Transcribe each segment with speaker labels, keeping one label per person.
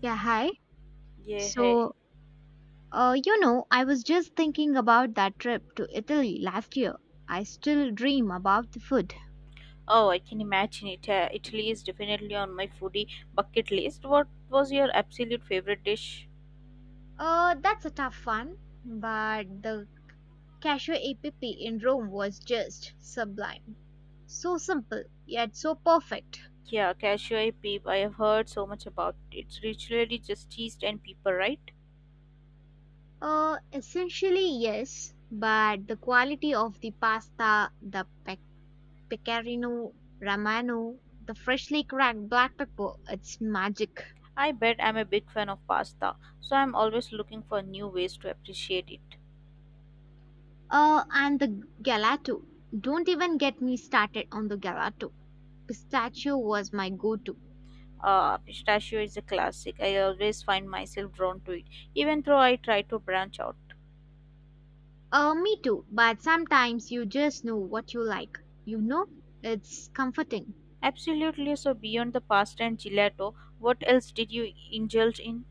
Speaker 1: Yeah, hi.
Speaker 2: Yeah, hey.
Speaker 1: So, I was just thinking about that trip to Italy last year. I still dream about the food.
Speaker 2: Oh, I can imagine it. Italy is definitely on my foodie bucket list. What was your absolute favorite dish?
Speaker 1: That's a tough one, but the Casio app in Rome was just sublime. So simple, yet so perfect.
Speaker 2: Yeah, cashew peep. I have heard so much about it. It's literally just cheese and pepper, right?
Speaker 1: Essentially, yes, but the quality of the pasta, the pecorino romano, the freshly cracked black pepper, it's magic.
Speaker 2: I bet I'm a big fan of pasta, so I'm always looking for new ways to appreciate it.
Speaker 1: And the gelato. Don't even get me started on the gelato. Pistachio was my go to.
Speaker 2: Pistachio is a classic. I always find myself drawn to it, even though I try to branch out.
Speaker 1: Me too, but sometimes you just know what you like. You know, it's comforting.
Speaker 2: Absolutely. So, beyond the pasta and gelato, what else did you indulge in?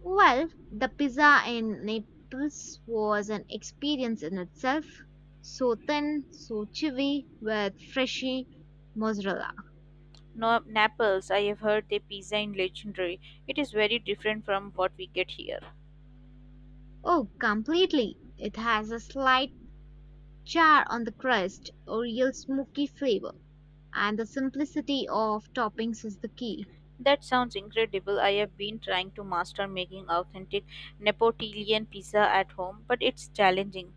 Speaker 1: Well, the pizza in Naples was an experience in itself. So thin, so chewy, with freshy mozzarella.
Speaker 2: No, Naples, I have heard their pizza is legendary. It is very different from what we get here.
Speaker 1: Oh, completely. It has a slight char on the crust, a real smoky flavor. And the simplicity of toppings is the key.
Speaker 2: That sounds incredible. I have been trying to master making authentic Neapolitan pizza at home, but it's challenging.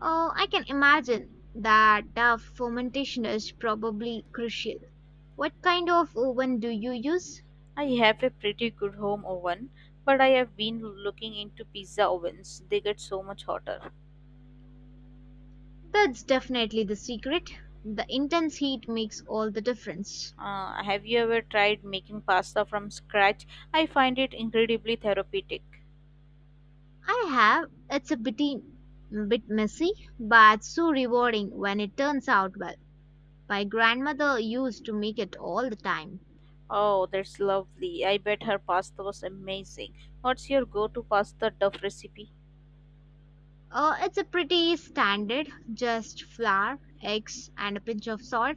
Speaker 1: Oh, I can imagine that the fermentation is probably crucial. What kind of oven do you use?
Speaker 2: I have a pretty good home oven, but I have been looking into pizza ovens. They get so much hotter.
Speaker 1: That's definitely the secret. The intense heat makes all the difference.
Speaker 2: Have you ever tried making pasta from scratch? I find it incredibly therapeutic.
Speaker 1: I have. It's a bit messy, but so rewarding when it turns out well. My grandmother used to make it all the time.
Speaker 2: Oh, that's lovely. I bet her pasta was amazing. What's your go to pasta duff recipe?
Speaker 1: It's a pretty standard, just flour, eggs, and a pinch of salt.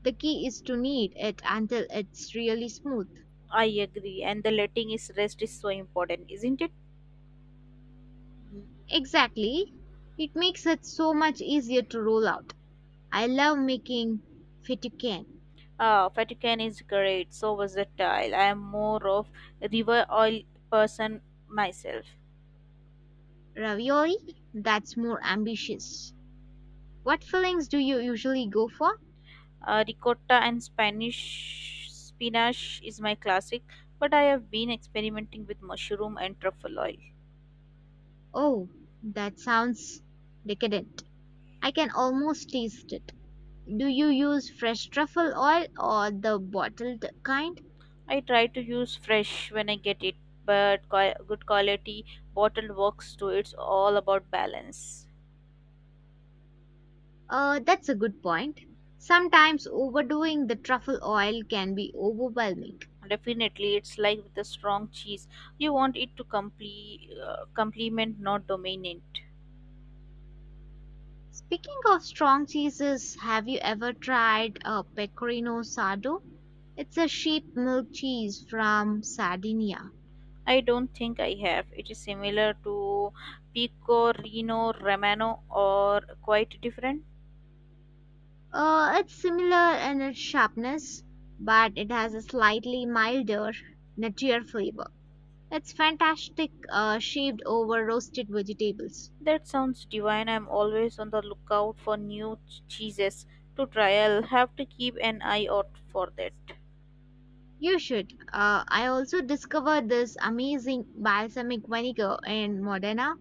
Speaker 1: The key is to knead it until it's really smooth.
Speaker 2: I agree. And the letting is rest is so important, isn't it?
Speaker 1: Exactly. It makes it so much easier to roll out. I love making fettuccine
Speaker 2: Ah, Vatican is great, so versatile. I am more of river oil person myself.
Speaker 1: ravioli. That's more ambitious. What fillings do you usually go for?
Speaker 2: Ricotta and Spanish spinach is my classic, but I have been experimenting with mushroom and truffle oil.
Speaker 1: Oh, that sounds decadent. I can almost taste it. Do you use fresh truffle oil or the bottled kind?
Speaker 2: I try to use fresh when I get it, but good quality bottled works too. It's all about balance.
Speaker 1: That's a good point. Sometimes overdoing the truffle oil can be overwhelming.
Speaker 2: Definitely, it's like with a strong cheese. You want it to complete, complement, not dominate.
Speaker 1: Speaking of strong cheeses, have you ever tried a pecorino sardo? It's a sheep milk cheese from Sardinia.
Speaker 2: I don't think I have. It is similar to Pecorino Romano or quite different.
Speaker 1: It's similar in its sharpness, but it has a slightly milder, nuttier flavor. It's fantastic, shaved over roasted vegetables.
Speaker 2: That sounds divine. I'm always on the lookout for new cheeses to trial. Have to keep an eye out for that.
Speaker 1: You should. I also discovered this amazing balsamic vinegar in Modena.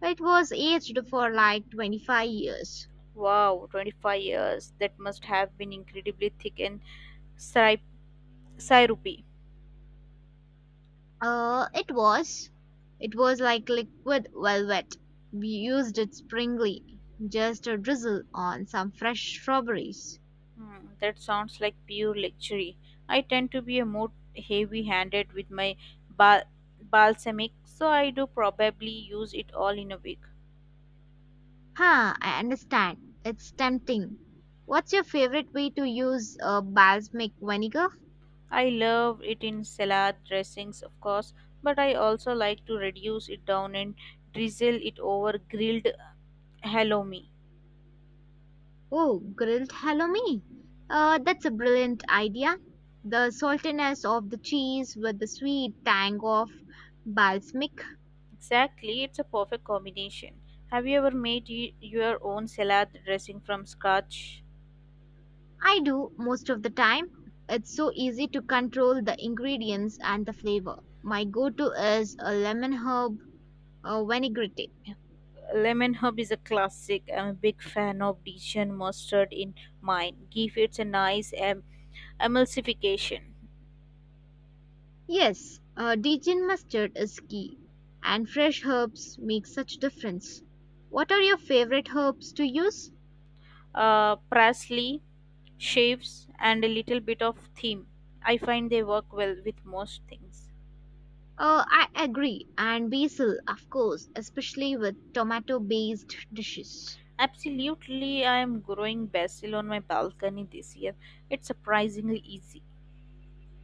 Speaker 1: It was aged for like 25 years.
Speaker 2: Wow, 25 years. That must have been incredibly thick and syrupy. syrupy.
Speaker 1: It was. It was like liquid velvet. We used it springly, just a drizzle on some fresh strawberries.
Speaker 2: Hmm, that sounds like pure luxury. I tend to be a more heavy handed with my ba- balsamic, so I do probably use it all in a week.
Speaker 1: Huh, I understand. It's tempting. What's your favorite way to use balsamic vinegar?
Speaker 2: I love it in salad dressings, of course, but I also like to reduce it down and drizzle it over grilled halloumi.
Speaker 1: Oh, grilled halloumi. That's a brilliant idea. The saltiness of the cheese with the sweet tang of balsamic.
Speaker 2: Exactly, it's a perfect combination. Have you ever made your own salad dressing from scratch?
Speaker 1: I do most of the time. It's so easy to control the ingredients and the flavor. My go to is a lemon herb vinaigrette.
Speaker 2: Lemon herb is a classic. I'm a big fan of Dijon mustard in mine. Give it a nice emulsification.
Speaker 1: Yes, Dijon mustard is key, and fresh herbs make such difference. What are your favorite herbs to use?
Speaker 2: Parsley, shapes, and a little bit of thyme. I find they work well with most things.
Speaker 1: I agree, and basil, of course, especially with tomato based dishes.
Speaker 2: Absolutely, I am growing basil on my balcony this year. It's surprisingly easy.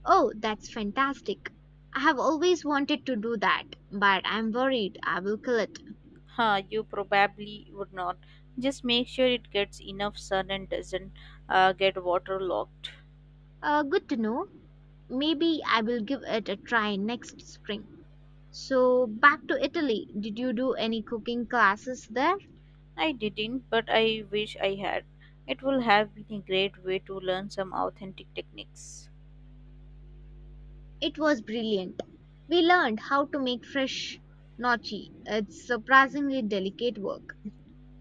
Speaker 1: Oh, that's fantastic. I have always wanted to do that, but I'm worried I will kill it.
Speaker 2: Huh, you probably would not. Just make sure it gets enough sun and doesn't get waterlogged.
Speaker 1: Good to know. Maybe I will give it a try next spring. So, back to Italy. Did you do any cooking classes there?
Speaker 2: I didn't, but I wish I had. It will have been a great way to learn some authentic techniques.
Speaker 1: It was brilliant. We learned how to make fresh gnocchi. It's surprisingly delicate work.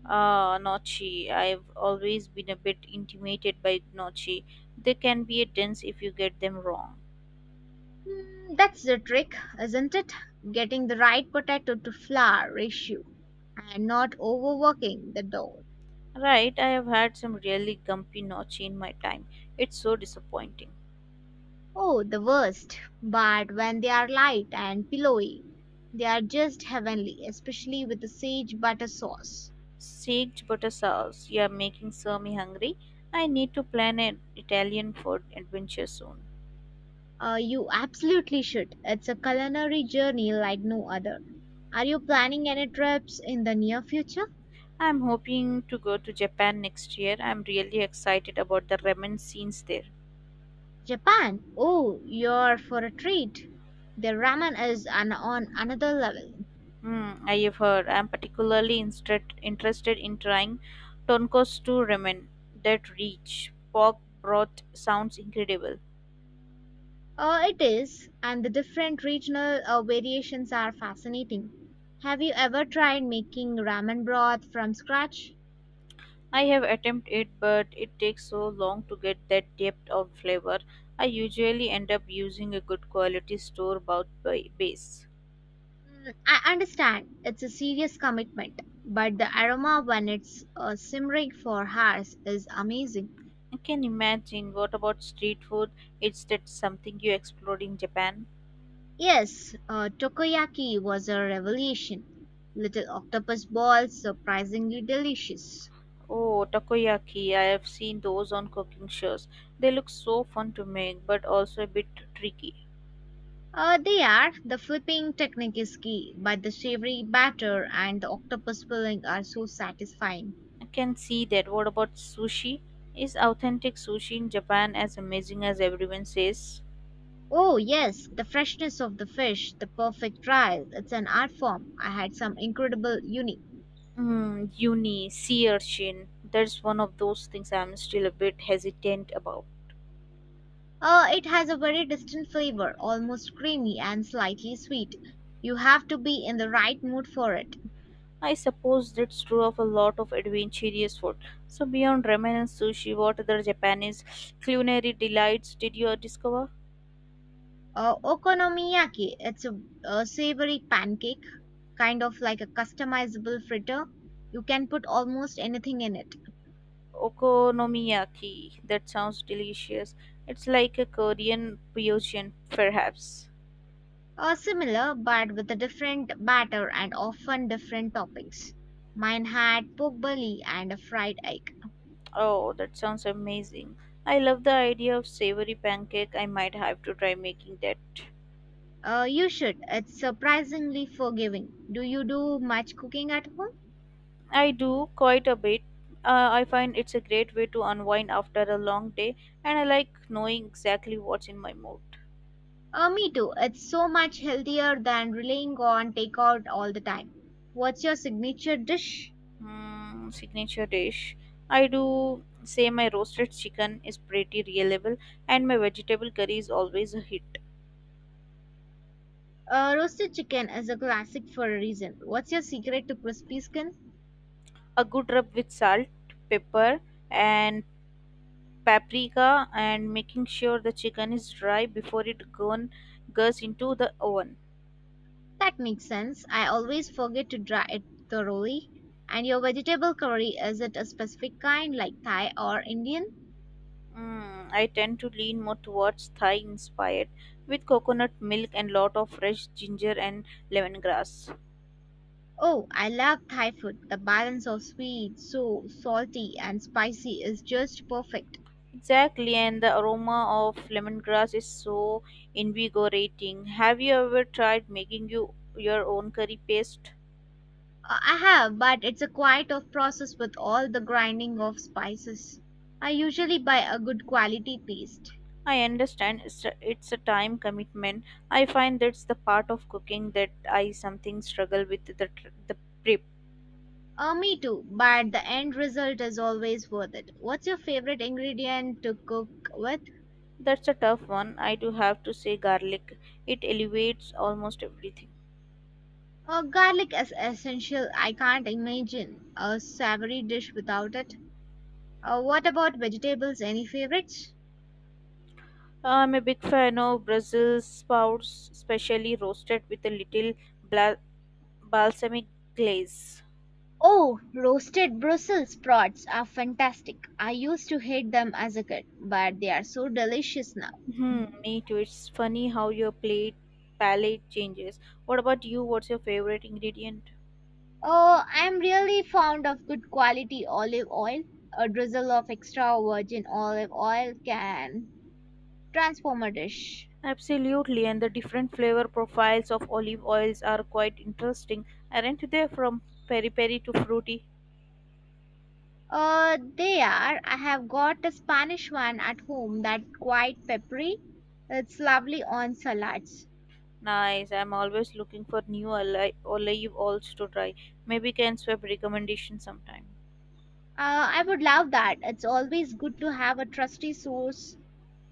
Speaker 2: Ah, gnocchi. I've always been a bit intimidated by gnocchi. They can be a dense if you get them wrong.
Speaker 1: Hmm, that's the trick, isn't it? Getting the right potato to flour ratio and not overworking the dough.
Speaker 2: Right, I have had some really gumpy gnocchi in my time. It's so disappointing.
Speaker 1: Oh, the worst. But when they are light and pillowy, they are just heavenly, especially with the sage butter sauce.
Speaker 2: Steaked butter sauce. You're making me hungry. I need to plan an Italian food adventure soon.
Speaker 1: You absolutely should. It's a culinary journey like no other. Are you planning any trips in the near future?
Speaker 2: I'm hoping to go to Japan next year. I'm really excited about the ramen scenes there.
Speaker 1: Japan. Oh, you're for a treat. Their ramen is on another level.
Speaker 2: Hmm, I have heard. I'm particularly interested in trying tonkotsu ramen. That rich pork broth sounds incredible.
Speaker 1: It is, and the different regional variations are fascinating. Have you ever tried making ramen broth from scratch?
Speaker 2: I have attempted it, but it takes so long to get that depth of flavor. I usually end up using a good quality store bought base.
Speaker 1: Mm, I understand it's a serious commitment, but the aroma when it's simmering for hours is amazing.
Speaker 2: I can imagine. What about street food? Is that something you explored in Japan?
Speaker 1: Yes, takoyaki was a revelation. Little octopus balls, surprisingly delicious.
Speaker 2: Oh, takoyaki. I have seen those on cooking shows. They look so fun to make, but also a bit tricky.
Speaker 1: They are. The flipping technique is key, but the savory batter and the octopus filling are so satisfying.
Speaker 2: I can see that. What about sushi? Is authentic sushi in Japan as amazing as everyone says?
Speaker 1: Oh, yes, the freshness of the fish, the perfect trial. It's an art form. I had some incredible uni.
Speaker 2: Mm, uni, sea urchin. That's one of those things I'm still a bit hesitant about.
Speaker 1: It has a very distinct flavor, almost creamy and slightly sweet. You have to be in the right mood for it.
Speaker 2: I suppose that's true of a lot of adventurous food. So, beyond ramen and sushi, what other Japanese culinary delights did you discover?
Speaker 1: Okonomiyaki, it's a savory pancake, kind of like a customizable fritter. You can put almost anything in it.
Speaker 2: Okonomiyaki. That sounds delicious. It's like a Korean fusion, perhaps.
Speaker 1: Similar, but with a different batter and often different toppings. Mine had pork belly and a fried egg.
Speaker 2: Oh, that sounds amazing. I love the idea of savory pancake. I might have to try making that.
Speaker 1: You should. It's surprisingly forgiving. Do you do much cooking at home?
Speaker 2: I do quite a bit. I find it's a great way to unwind after a long day, and I like knowing exactly what's in my mood.
Speaker 1: Me too. It's so much healthier than relying on takeout all the time. What's your signature dish?
Speaker 2: Mm, signature dish. I do say my roasted chicken is pretty reliable, and my vegetable curry is always a hit.
Speaker 1: Roasted chicken is a classic for a reason. What's your secret to crispy skin?
Speaker 2: A good rub with salt, pepper, and paprika, and making sure the chicken is dry before it gone goes into the oven.
Speaker 1: That makes sense. I always forget to dry it thoroughly. And your vegetable curry, is it a specific kind like Thai or Indian?
Speaker 2: Mm, I tend to lean more towards Thai inspired with coconut milk and lot of fresh ginger and lemongrass.
Speaker 1: Oh, I love Thai food. The balance of sweet, so salty, and spicy is just perfect.
Speaker 2: Exactly, and the aroma of lemongrass is so invigorating. Have you ever tried making your own curry paste?
Speaker 1: I have, but it's a quite of process with all the grinding of spices. I usually buy a good quality paste.
Speaker 2: I understand it's a time commitment. I find that's the part of cooking that I something struggle with the prep.
Speaker 1: Me too, but the end result is always worth it. What's your favorite ingredient to cook with?
Speaker 2: That's a tough one. I do have to say garlic. It elevates almost everything.
Speaker 1: Garlic is essential. I can't imagine a savory dish without it. What about vegetables? Any favorites?
Speaker 2: I'm a big fan of Brussels sprouts, especially roasted with a little bla- balsamic glaze.
Speaker 1: Oh, roasted Brussels sprouts are fantastic. I used to hate them as a kid, but they are so delicious now.
Speaker 2: Hmm, me too. It's funny how your plate palate changes. What about you? What's your favorite ingredient?
Speaker 1: Oh, I'm really fond of good quality olive oil. A drizzle of extra virgin olive oil can transform a dish.
Speaker 2: Absolutely, and the different flavor profiles of olive oils are quite interesting, aren't they? From peri peri to fruity.
Speaker 1: They are. I have got a Spanish one at home that's quite peppery. It's lovely on salads.
Speaker 2: Nice. I'm always looking for new olive oils to try. Maybe can swap recommendation sometime.
Speaker 1: I would love that. It's always good to have a trusty source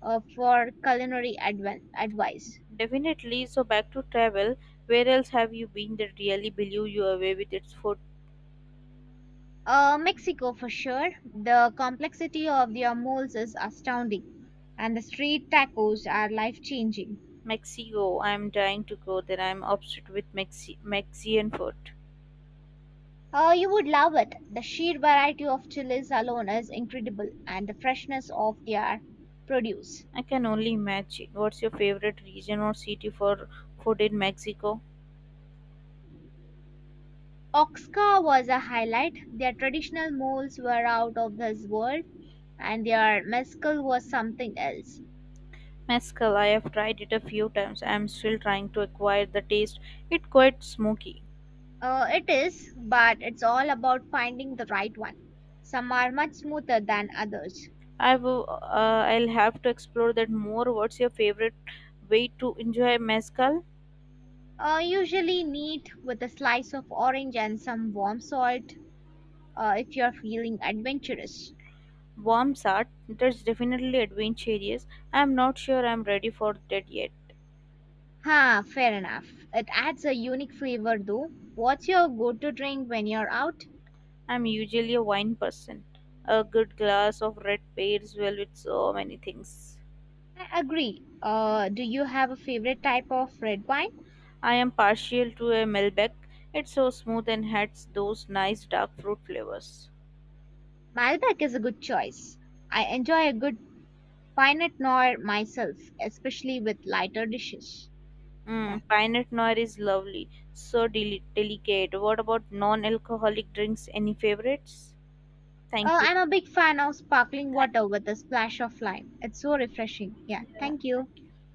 Speaker 1: for culinary advice.
Speaker 2: Definitely. So back to travel. Where else have you been that really blew you away with its food?
Speaker 1: Mexico for sure. The complexity of their moles is astounding, and the street tacos are life changing.
Speaker 2: Mexico. I'm dying to go there. I'm obsessed with Mexican food.
Speaker 1: You would love it. The sheer variety of chilies alone is incredible, and the freshness of their produce.
Speaker 2: I can only imagine. What's your favorite region or city for food in Mexico?
Speaker 1: Oaxaca was a highlight. Their traditional moles were out of this world, and their mezcal was something else.
Speaker 2: Mezcal. I have tried it a few times. I'm still trying to acquire the taste. It's quite smoky.
Speaker 1: It is, but it's all about finding the right one. Some are much smoother than others.
Speaker 2: I will. I'll have to explore that more. What's your favorite way to enjoy mezcal?
Speaker 1: Usually neat with a slice of orange and some warm salt if you're feeling adventurous.
Speaker 2: Worms art, that's definitely adventurous. I'm not sure I'm ready for that yet.
Speaker 1: Ha, fair enough. It adds a unique flavor though. What's your go to drink when you're out?
Speaker 2: I'm usually a wine person. A good glass of red pairs well with so many things.
Speaker 1: I agree. Do you have a favorite type of red wine?
Speaker 2: I am partial to a Malbec. It's so smooth and has those nice dark fruit flavors.
Speaker 1: Malbec is a good choice. I enjoy a good Pinot Noir myself, especially with lighter dishes. Yeah.
Speaker 2: Mm, Pinot Noir is lovely, so delicate. What about non-alcoholic drinks? Any favorites?
Speaker 1: Uh,
Speaker 2: Thank you.
Speaker 1: I'm a big fan of sparkling water
Speaker 2: Thank-
Speaker 1: with a splash of lime. It's so refreshing. Yeah,
Speaker 2: yeah,
Speaker 1: thank you.
Speaker 2: thank you.